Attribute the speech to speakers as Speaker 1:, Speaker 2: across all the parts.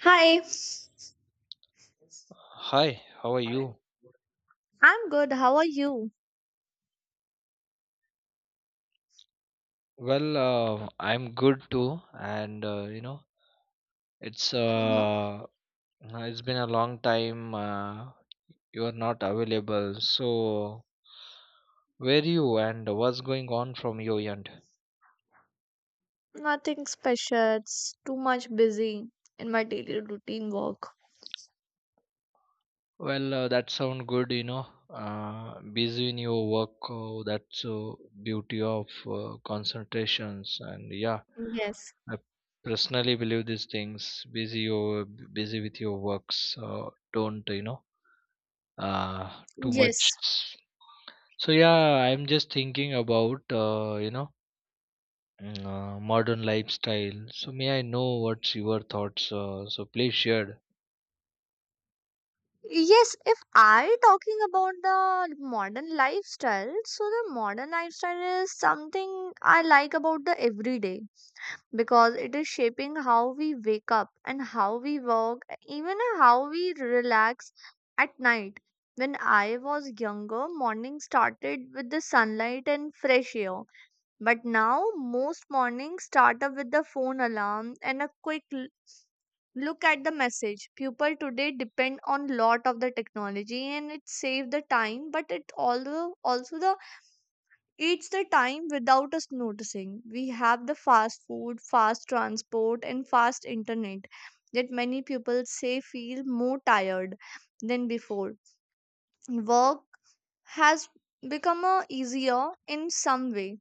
Speaker 1: Hi,
Speaker 2: Hi, how are you?
Speaker 1: I'm good. How are you?
Speaker 2: I'm good too, and it's
Speaker 1: Hmm.
Speaker 2: uh, it's been a long time. You are not available, so where you and what's going on from your end?
Speaker 1: Nothing special. It's too much busy in my daily routine work.
Speaker 2: That sound good, busy in your work, that's beauty of concentrations, and yeah,
Speaker 1: Yes.
Speaker 2: I personally believe these things. Busy with your works. Don't you know? Too much.
Speaker 1: Yes.
Speaker 2: So yeah, I'm just thinking about modern lifestyle. So may I know what's your thoughts? So please share.
Speaker 1: Yes, if I talking about the modern lifestyle, so the modern lifestyle is something I like about the everyday, because it is shaping how we wake up and how we work, even how we relax at night. When I was younger, morning started with the sunlight and fresh air. But now, most mornings start up with the phone alarm and a quick look at the message. People today depend on lot of the technology and it saves the time, but it also the eats the time without us noticing. We have the fast food, fast transport, and fast internet. Yet many people say feel more tired than before. Work has become a easier in some way,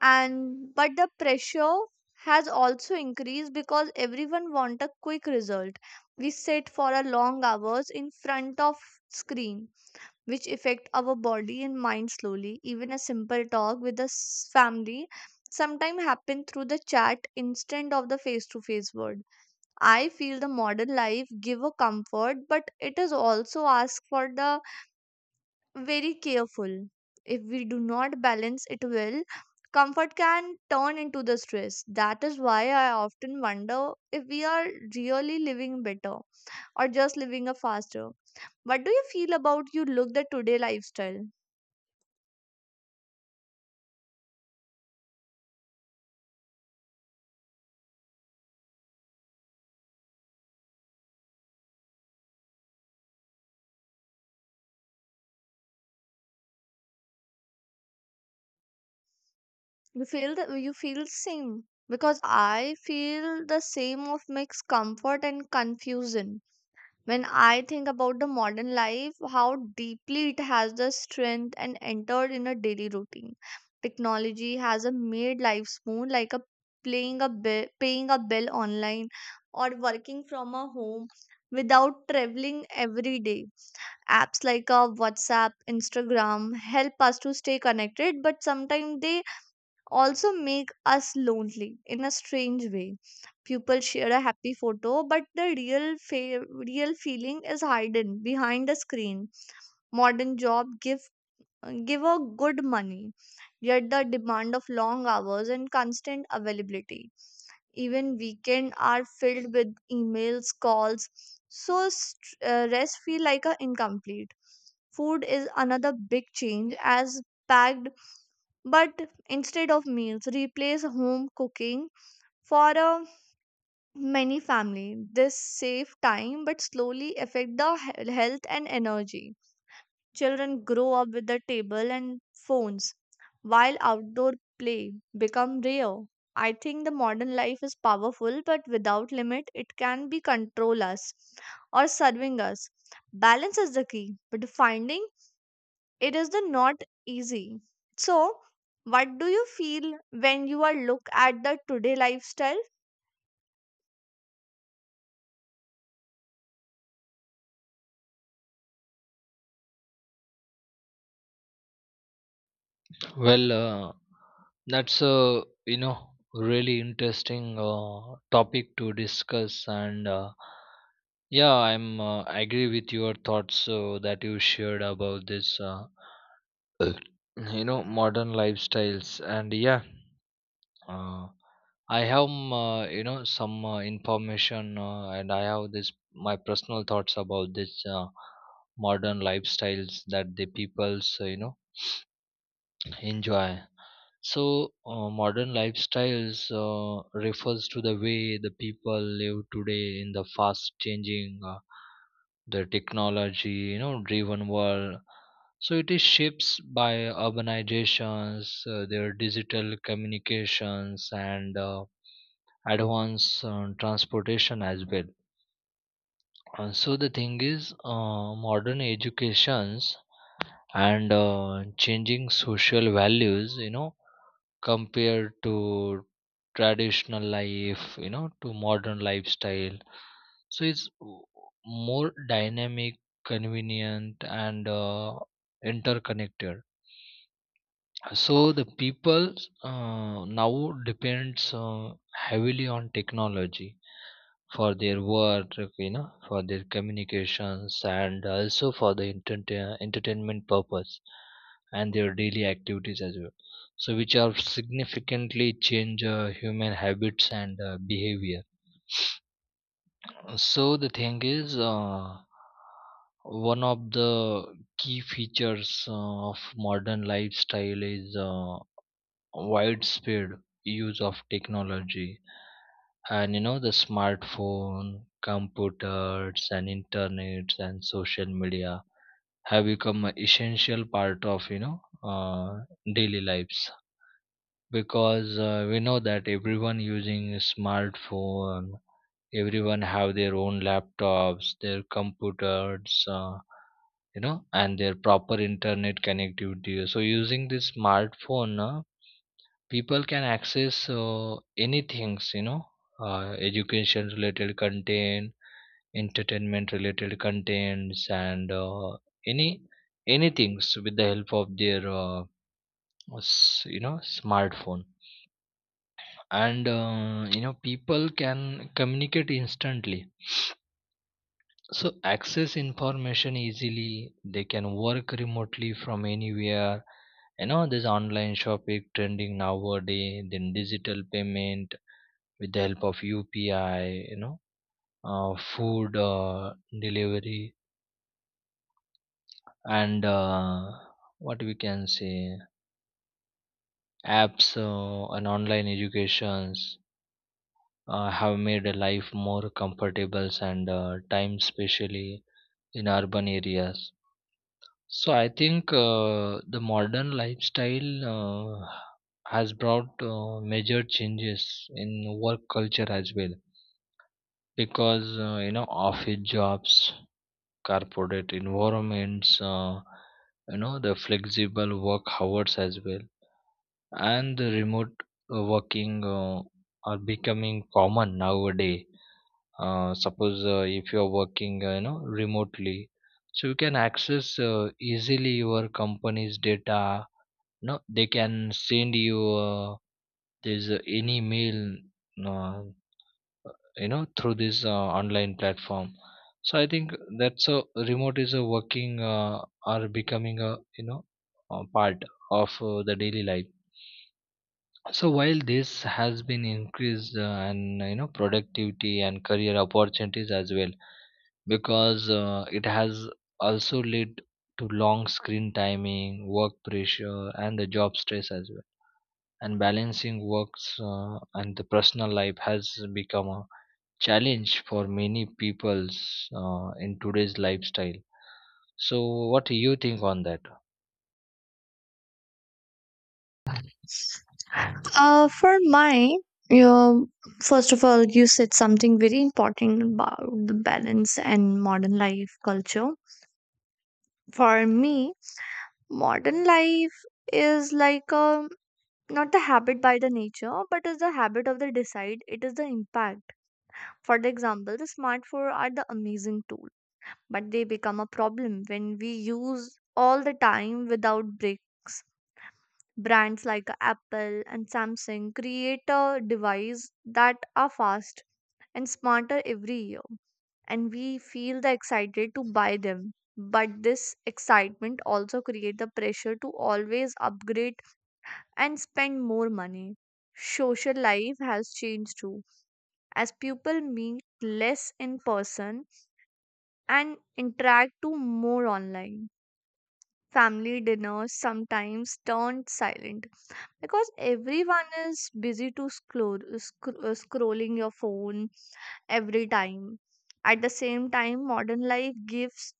Speaker 1: and but the pressure has also increased because everyone want a quick result. We sit for a long hours in front of screen which affect our body and mind slowly. Even a simple talk with the family sometimes happen through the chat instead of the face-to-face word. I feel the modern life give a comfort, but it is also ask for the very careful. If we do not balance it well, comfort can turn into the stress. That is why I often wonder if we are really living better or just living a faster. What do you feel about you look the today lifestyle? You feel same because I feel the same of mixed comfort and confusion. When I think about the modern life, how deeply it has the strength and entered in a daily routine. Technology has a made life smooth, like a playing a bill, paying a bill online, or working from a home without traveling every day. Apps like a WhatsApp, Instagram help us to stay connected, but sometimes they also make us lonely in a strange way. People share a happy photo, but the real real feeling is hidden behind the screen. Modern job give a good money, yet the demand of long hours and constant availability. Even weekend are filled with emails, calls, so rest feel like a incomplete. Food is another big change as packed but instead of meals, replace home cooking for a many family. This save time but slowly affect the health and energy. Children grow up with the table and phones while outdoor play become rare. I think the modern life is powerful but without limit it can be control us or serving us. Balance is the key, but finding it is the not easy, so what do you feel when you are look at the today lifestyle?
Speaker 2: Well, uh, that's a really interesting topic to discuss, and yeah, I'm agree with your thoughts that you shared about this. You know, modern lifestyles, and Uh, I have some information and I have this my personal thoughts about this modern lifestyles that the peoples enjoy. So modern lifestyles refers to the way the people live today in the fast changing the technology, you know, driven world. So it is shapes by urbanizations, their digital communications, and advanced transportation as well. So the thing is, modern educations and changing social values, you know, compared to traditional life, you know, to modern lifestyle. So it's w- More dynamic, convenient, and interconnected. So the people now depends heavily on technology for their work, you know, for their communications, and also for the entertainment purpose and their daily activities as well, so which are significantly change human habits and behavior. So the thing is, one of the key features of modern lifestyle is widespread use of technology, and you know the smartphone, computers, and internet, and social media have become an essential part of daily lives, because we know that everyone using a smartphone, everyone have their own laptops, their computers, you know, and their proper internet connectivity. So using this smartphone, people can access anything, you know, education related content, entertainment related contents, and any anything with the help of their you know smartphone. And you know, people can communicate instantly, so access information easily, they can work remotely from anywhere, you know, this online shopping trending nowadays, then digital payment with the help of UPI, you know, food delivery, and what we can say, apps and online educations have made a life more comfortable and time especially in urban areas. So I think the modern lifestyle uh, has brought major changes in work culture as well, because you know, office jobs, corporate environments, you know, the flexible work hours as well, and the remote working are becoming common nowadays. Suppose if you are working, you know, remotely, so you can access easily your company's data. No, they can send you there's any mail uh, you know through this online platform. So I think that's a remote is a working, or becoming a, you know, a part of the daily life. So while this has been increased and you know productivity and career opportunities as well, because it has also led to long screen timing, work pressure, and the job stress as well, and balancing works and the personal life has become a challenge for many peoples in today's lifestyle. So, what do you think on that?
Speaker 1: For mine, you first of all you said something very important about the balance and modern life culture. For me, modern life is like a not the habit by the nature, but is the habit of the decide. It is the impact. For the example, the smartphone are the amazing tool but they become a problem when we use all the time without breaks. Brands like Apple and Samsung create a device that are fast and smarter every year, and we feel the excited to buy them. But this excitement also creates the pressure to always upgrade and spend more money. Social life has changed too, as people meet less in person and interact to more online. Family dinners sometimes turned silent because everyone is busy to scroll, scrolling your phone every time. At the same time, modern life gives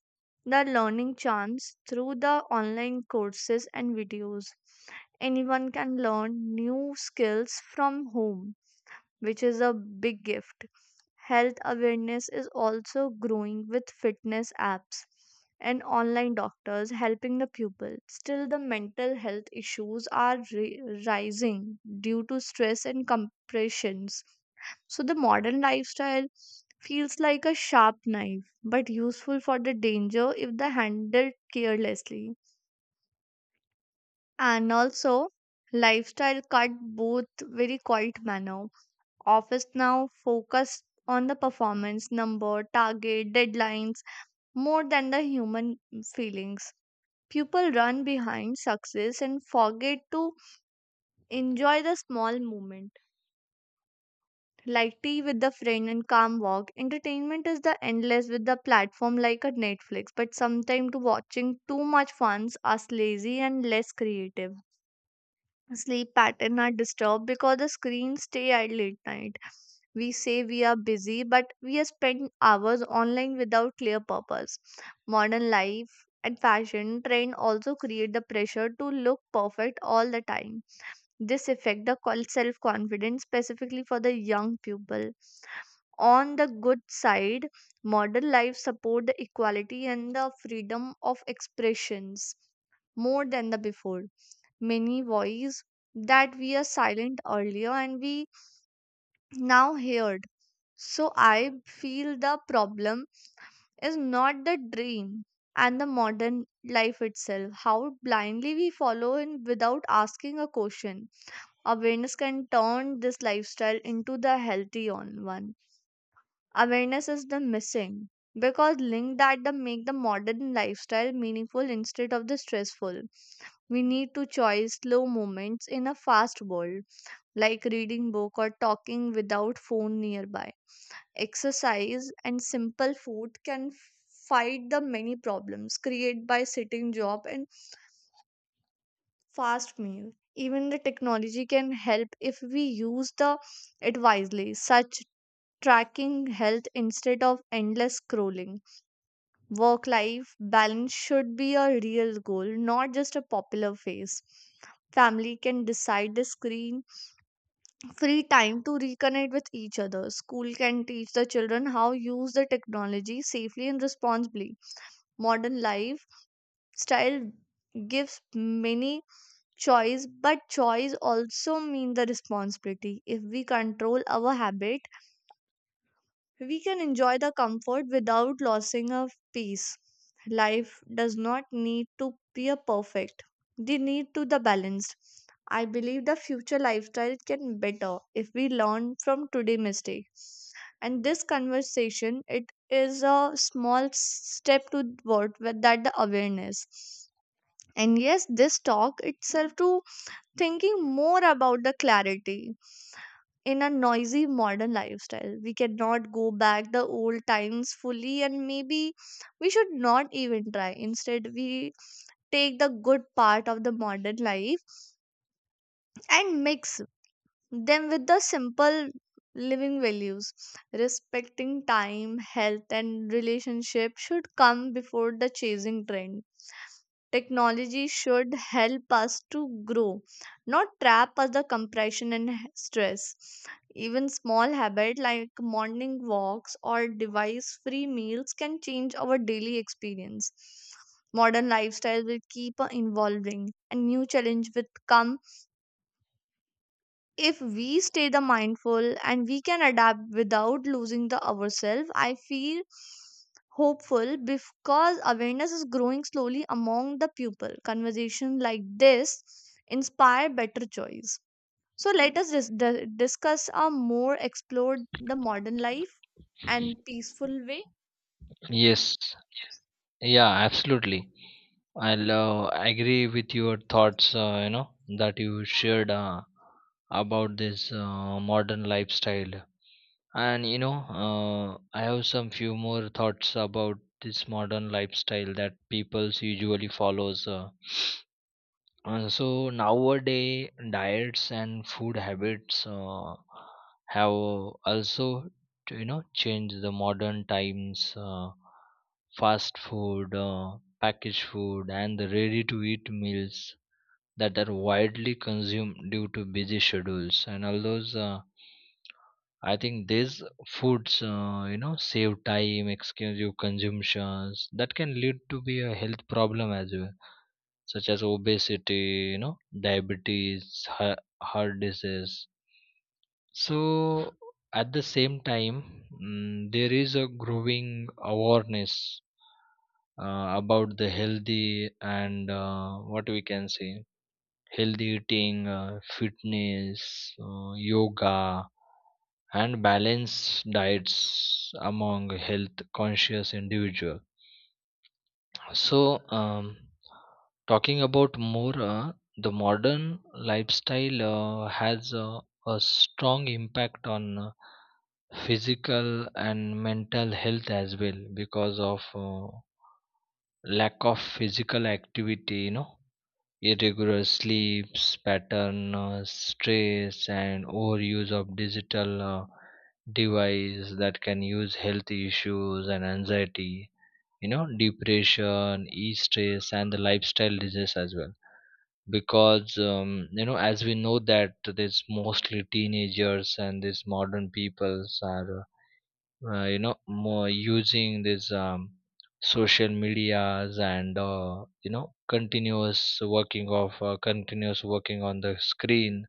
Speaker 1: the learning chance through the online courses and videos. Anyone can learn new skills from home which is a big gift. Health awareness is also growing with fitness apps and online doctors helping the pupil. Still, the mental health issues are rising due to stress and compressions. So, the modern lifestyle feels like a sharp knife, but useful for the danger if they handled carelessly. And also, lifestyle cut both very quiet manner. Office now focus on the performance, number, target, deadlines more than the human feelings. People run behind success and forget to enjoy the small moment, like tea with the friend and calm walk. Entertainment is the endless with the platform like a Netflix, but sometimes watching too much funds us lazy and less creative. Sleep pattern are disturbed because the screens stay idle at night. We say we are busy, but we are spending hours online without clear purpose. Modern life and fashion trend also create the pressure to look perfect all the time. This affect the self confidence specifically for the young people. On the good side, modern life support the equality and the freedom of expressions more than the before, many voice that we are silent earlier and we now heard. So I feel the problem is not the dream and the modern life itself, how blindly we follow in without asking a question. Awareness can turn this lifestyle into the healthy on one. Awareness is the missing because link that the make the modern lifestyle meaningful instead of the stressful. We need to choose slow moments in a fast world, like reading book or talking without phone nearby. Exercise and simple food can fight the many problems created by sitting job and fast meal. Even the technology can help if we use the it wisely, such tracking health instead of endless scrolling. Work life balance should be a real goal, not just a popular phase. Family can decide the screen free time to reconnect with each other. School can teach the children how use the technology safely and responsibly. Modern life style gives many choice, but choice also mean the responsibility. If we control our habit we can enjoy the comfort without losing our peace. Life does not need to be a perfect. They need to the balanced. I believe the future lifestyle can better if we learn from today mistake. And this conversation, it is a small step toward with that the awareness. And yes, this talk itself to thinking more about the clarity in a noisy modern lifestyle. We cannot go back the old times fully, and maybe we should not even try. Instead, we take the good part of the modern life and mix them with the simple living values. Respecting time, health, and relationship should come before the chasing trend. Technology should help us to grow, not trap us the compression and stress. Even small habit like morning walks or device-free meals can change our daily experience. Modern lifestyle will keep evolving, and new challenge will come. If we stay the mindful and we can adapt without losing the ourselves, I feel hopeful because awareness is growing slowly among the people. Conversation like this inspire better choice. So let us discuss or more explore the modern life and peaceful way.
Speaker 2: Yes, yeah, absolutely. I'll agree with your thoughts. You know, that you shared about this modern lifestyle, and you know, I have some few more thoughts about this modern lifestyle that people's usually follows. So nowadays, diets and food habits have also, you know, changed the modern times. Fast food, packaged food, and the ready-to-eat meals that are widely consumed due to busy schedules. And all those, I think these foods, you know, save time, exclusive consumptions that can lead to be a health problem as well, such as obesity, you know, diabetes, heart disease. So, at the same time, there is a growing awareness about the healthy and what we can say, healthy eating, fitness, yoga, and balanced diets among health conscious individuals. So, talking about more, the modern lifestyle has a strong impact on physical and mental health as well, because of lack of physical activity, you know, irregular sleeps pattern, stress, and overuse of digital device that can use health issues and anxiety, you know, depression e stress and the lifestyle disease as well, because you know, as we know that there's mostly teenagers and these modern peoples are you know, more using these social medias and you know, continuous working on the screen,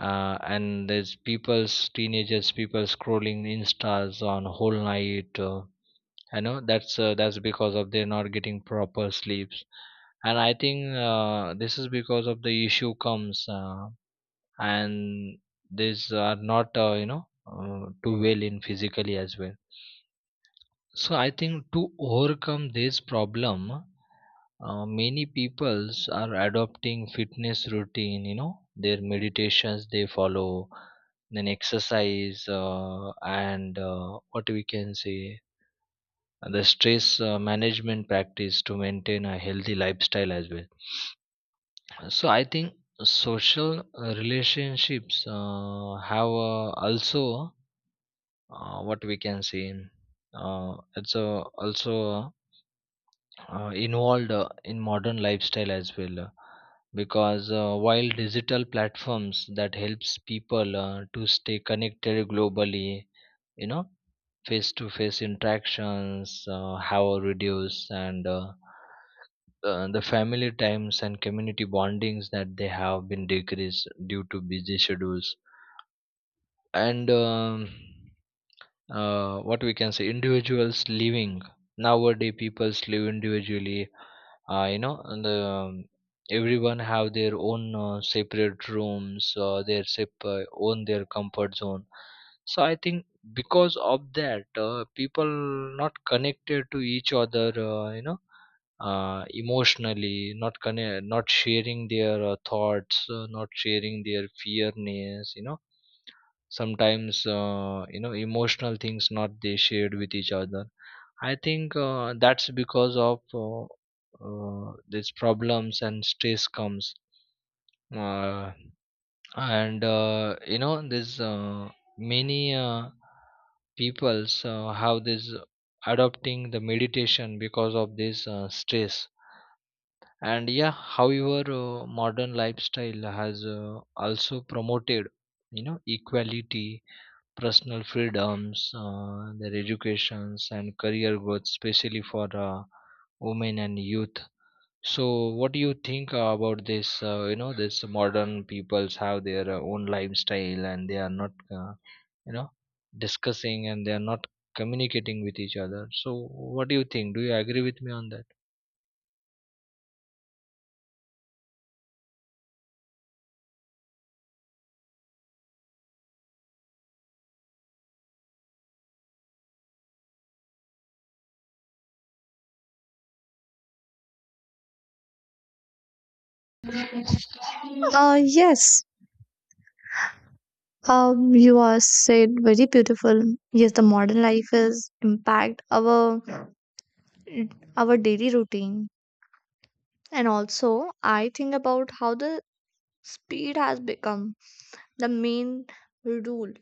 Speaker 2: and there's people's teenagers people scrolling instas on whole night. I know that's because of they're not getting proper sleeps, and I think this is because of the issue comes, and these are not too well in physically as well. So I think to overcome this problem, many peoples are adopting fitness routine. You know, their meditations they follow, then exercise and what we can say, the stress management practice to maintain a healthy lifestyle as well. So I think social relationships have also what we can say it's also involved in modern lifestyle as well, because while digital platforms that helps people to stay connected globally, you know, face to face interactions have reduced, and the family times and community bondings that they have been decreased due to busy schedules. And what we can say, individuals living nowadays people live individually, you know, and everyone have their own separate rooms, their separate own, their comfort zone. So I think because of that, people not connected to each other, you know, emotionally, not connect, not sharing their thoughts, not sharing their fearness. You know, sometimes emotional things not they shared with each other. I think that's because of these problems and stress comes, uh, and you know, this many peoples have this adopting the meditation because of this stress. And yeah, however modern lifestyle has also promoted, you know, equality, personal freedoms, their educations and career growth, especially for women and youth. So what do you think about this, you know, this modern peoples have their own lifestyle and they are not, you know discussing, and they are not communicating with each other? So what do you think, do you agree with me on that?
Speaker 1: Yes. You are said very beautiful. Yes, the modern life is impact our daily routine. And also, I think about how the speed has become the main rule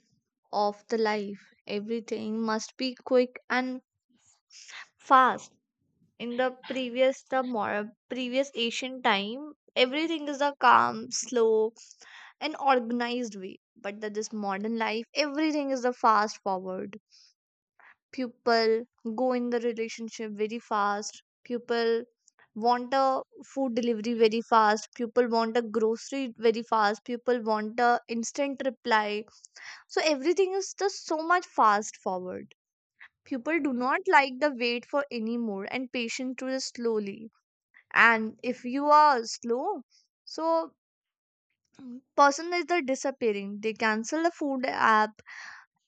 Speaker 1: of the life. Everything must be quick and fast. In the previous, the more previous ancient time, everything is a calm, slow, and organized way. But that this modern life, everything is a fast forward. People go in the relationship very fast. People want a food delivery very fast. People want a grocery very fast. People want a instant reply. So everything is just so much fast forward. People do not like the wait for anymore and patient to the slowly, and if you are slow, so person is the disappearing. They cancel the food app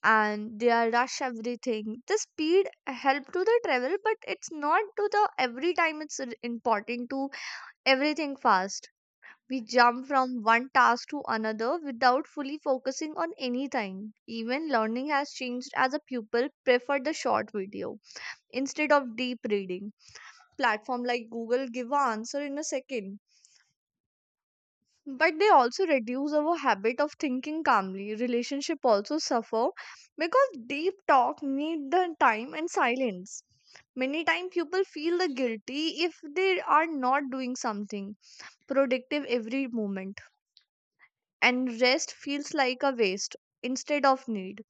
Speaker 1: and they are rush everything. The speed help to the travel but it's not to the every time. It's important to everything fast. We jump from one task to another without fully focusing on anything. Even learning has changed as a pupil prefer the short video instead of deep reading. Platform like Google give a answer in a second, but they also reduce our habit of thinking calmly. Relationship also suffer because deep talk need the time and silence. Many times people feel the guilty if they are not doing something productive every moment, and rest feels like a waste instead of need.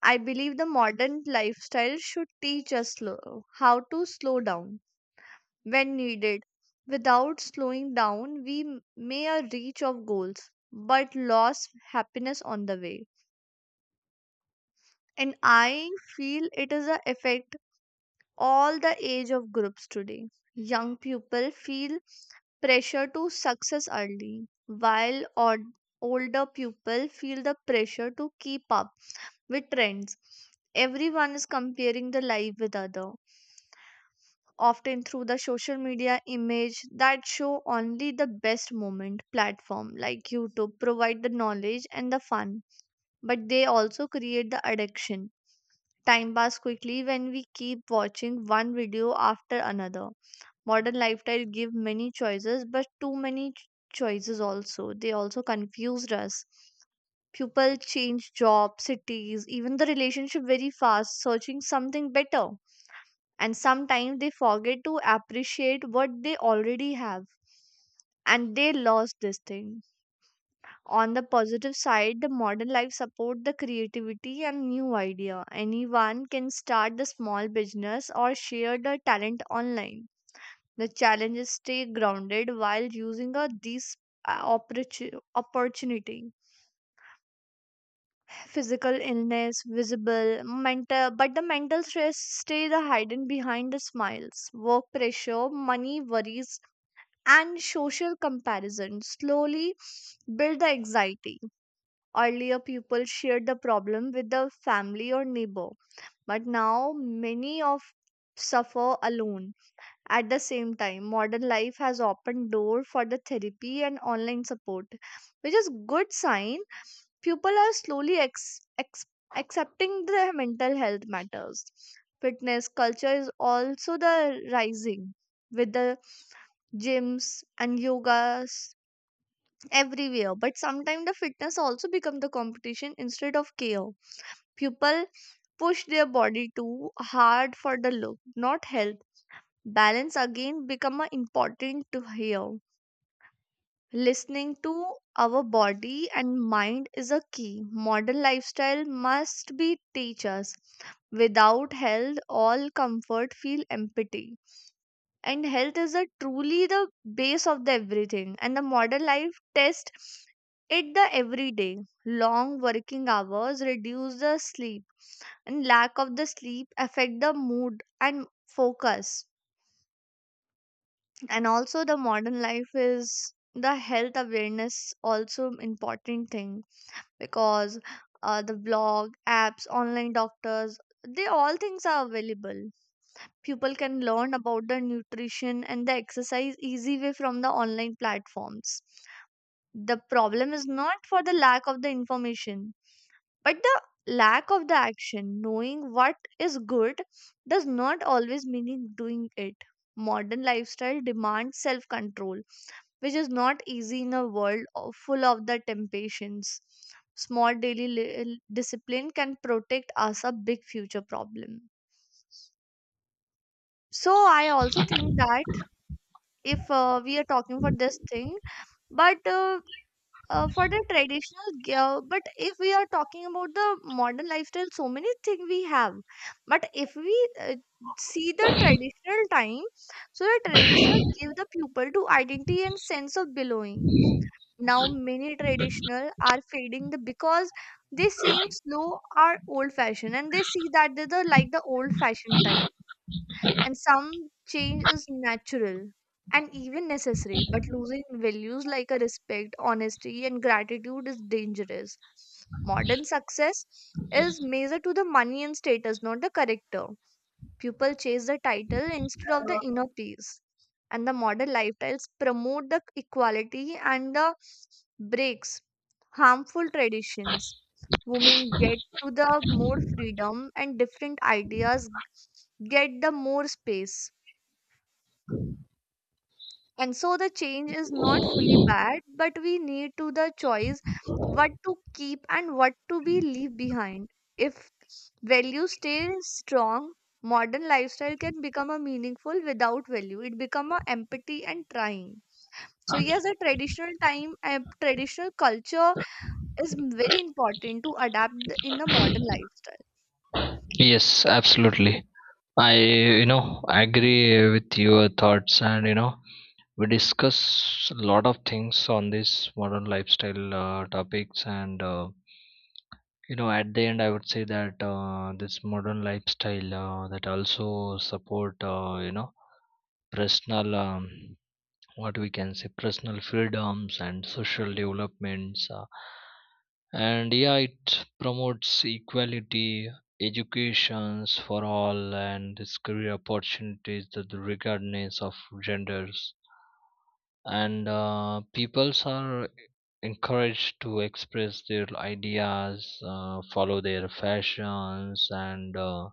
Speaker 1: I believe the modern lifestyle should teach us slow, how to slow down when needed. Without slowing down, we may a reach of goals, but lost happiness on the way. And I feel it is a effect all the age of groups today. Young people feel pressure to success early, while older people feel the pressure to keep up with trends. Everyone is comparing the life with other, often through the social media image that show only the best moment. Platform like YouTube provide the knowledge and the fun, but they also create the addiction. Time pass quickly when we keep watching one video after another. Modern lifestyle give many choices, but too many choices also, they also confused us. People change job, cities, even the relationship very fast, searching something better, and sometimes they forget to appreciate what they already have, and they lost this thing. On the positive side, the modern life support the creativity and new idea. Anyone can start the small business or share their talent online. The challenge is stay grounded while using a these opportunity. Physical illness visible mental, but the mental stress stay the hidden behind the smiles. Work pressure, money worries, and social comparison slowly build the anxiety. Earlier, people shared the problem with the family or neighbor, but now many of suffer alone. At the same time, modern life has opened door for the therapy and online support, which is good sign. People are slowly accepting the mental health matters. Fitness culture is also the rising with the gyms and yogas everywhere, but sometimes the fitness also become the competition instead of care. People push their body too hard for the look, not health. Balance again become a important to hear. Listening to our body and mind is a key. Modern lifestyle must be teach us, without health all comfort feel empty, and health is a truly the base of the everything, and the modern life test it the every day. Long working hours reduce the sleep, and lack of the sleep affect the mood and focus. And also the modern life is the health awareness, also important thing, because the blog, apps, online doctors, they all things are available. People can learn about the nutrition and the exercise easy way from the online platforms. The problem is not for the lack of the information, but the lack of the action. Knowing what is good does not always mean doing it. Modern lifestyle demands self control, which is not easy in a world full of the temptations. Small daily li- uh, Discipline can protect us a big future problem. So I also think that if we are talking for this thing, but for the but if we are talking about the modern lifestyle, so many things we have. But if we see the traditional time, so the traditional give the people to identity and sense of belonging. Now many traditional are fading the, because they seem slow or old fashioned, and they see that they're the, like the old fashioned type. And some change is natural and even necessary, but losing values like a respect, honesty and gratitude is dangerous. Modern success is measured to the money and status, not the character. People chase the title instead of the inner peace. And the modern lifestyles promote the equality and the breaks harmful traditions. Women get to the more freedom, and different ideas get the more space. And so the change is not fully bad, but we need to the choice what to keep and what to be leave behind. If value stays strong, modern lifestyle can become a meaningful. Without value it become a empathy and trying. So yes, a traditional time and traditional culture is very important to adapt in the modern lifestyle.
Speaker 2: Yes, absolutely. I, you know, agree with your thoughts, and you know, we discuss a lot of things on this modern lifestyle topics, and you know, at the end, I would say that this modern lifestyle that also support, you know, personal what we can say, personal freedoms and social developments and yeah, it promotes equality, educations for all, and its career opportunities that the regardless of genders. And peoples are encouraged to express their ideas, follow their fashions, and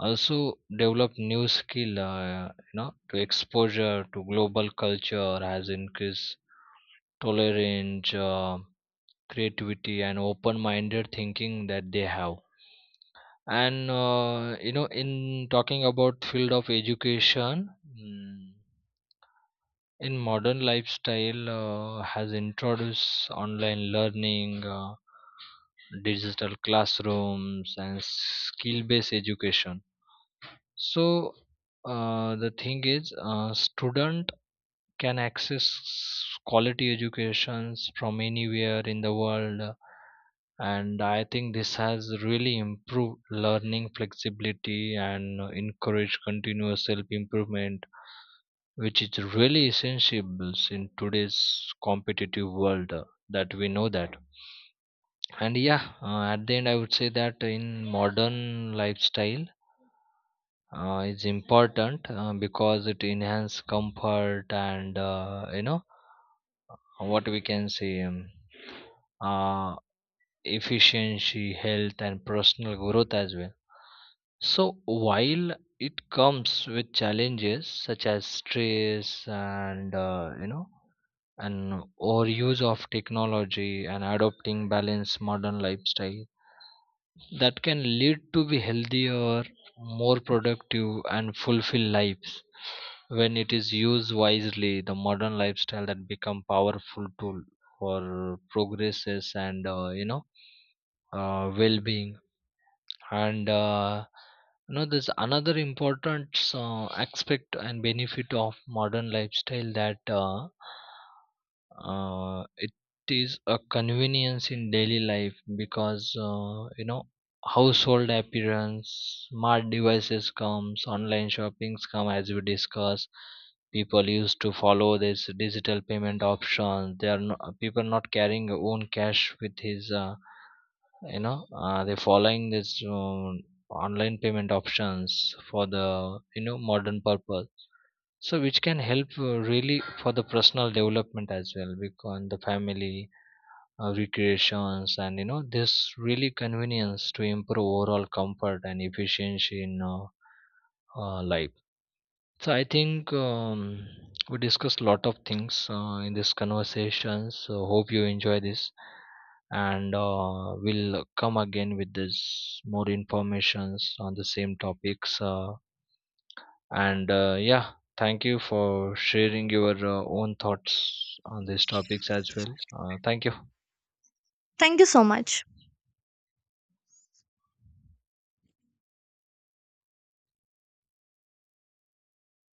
Speaker 2: also develop new skill, you know, to exposure to global culture has increased tolerance, creativity, and open-minded thinking that they have. And you know, in talking about field of education, mm, in modern lifestyle has introduced online learning, digital classrooms, and skill based education. So the thing is, student can access quality educations from anywhere in the world. And I think this has really improved learning flexibility and encourage continuous self improvement, which is really essential in today's competitive world, that we know that. And yeah, at the end, I would say that in modern lifestyle is important because it enhance comfort and what we can say uh, efficiency, health, and personal growth as well. So while it comes with challenges such as stress, and overuse of technology, and adopting balanced modern lifestyle, that can lead to be healthier, more productive, and fulfilled lives. When it is used wisely, the modern lifestyle that become powerful tool for progresses and, well-being. And you know, there's another important aspect and benefit of modern lifestyle, that it is a convenience in daily life, because you know, household appearance, smart devices comes, online shoppings come, as we discuss, people used to follow this digital payment option. They are, no, people not carrying own cash with his, they're following this online payment options for the, you know, modern purpose. So which can help really for the personal development as well, because the family recreations, and you know this really convenience to improve overall comfort and efficiency in life. So I think we discussed lot of things in this conversation, so hope you enjoy this. And we'll come again with this more informations on the same topics, and yeah, thank you for sharing your own thoughts on these topics as well. Thank you.
Speaker 1: Thank you so much.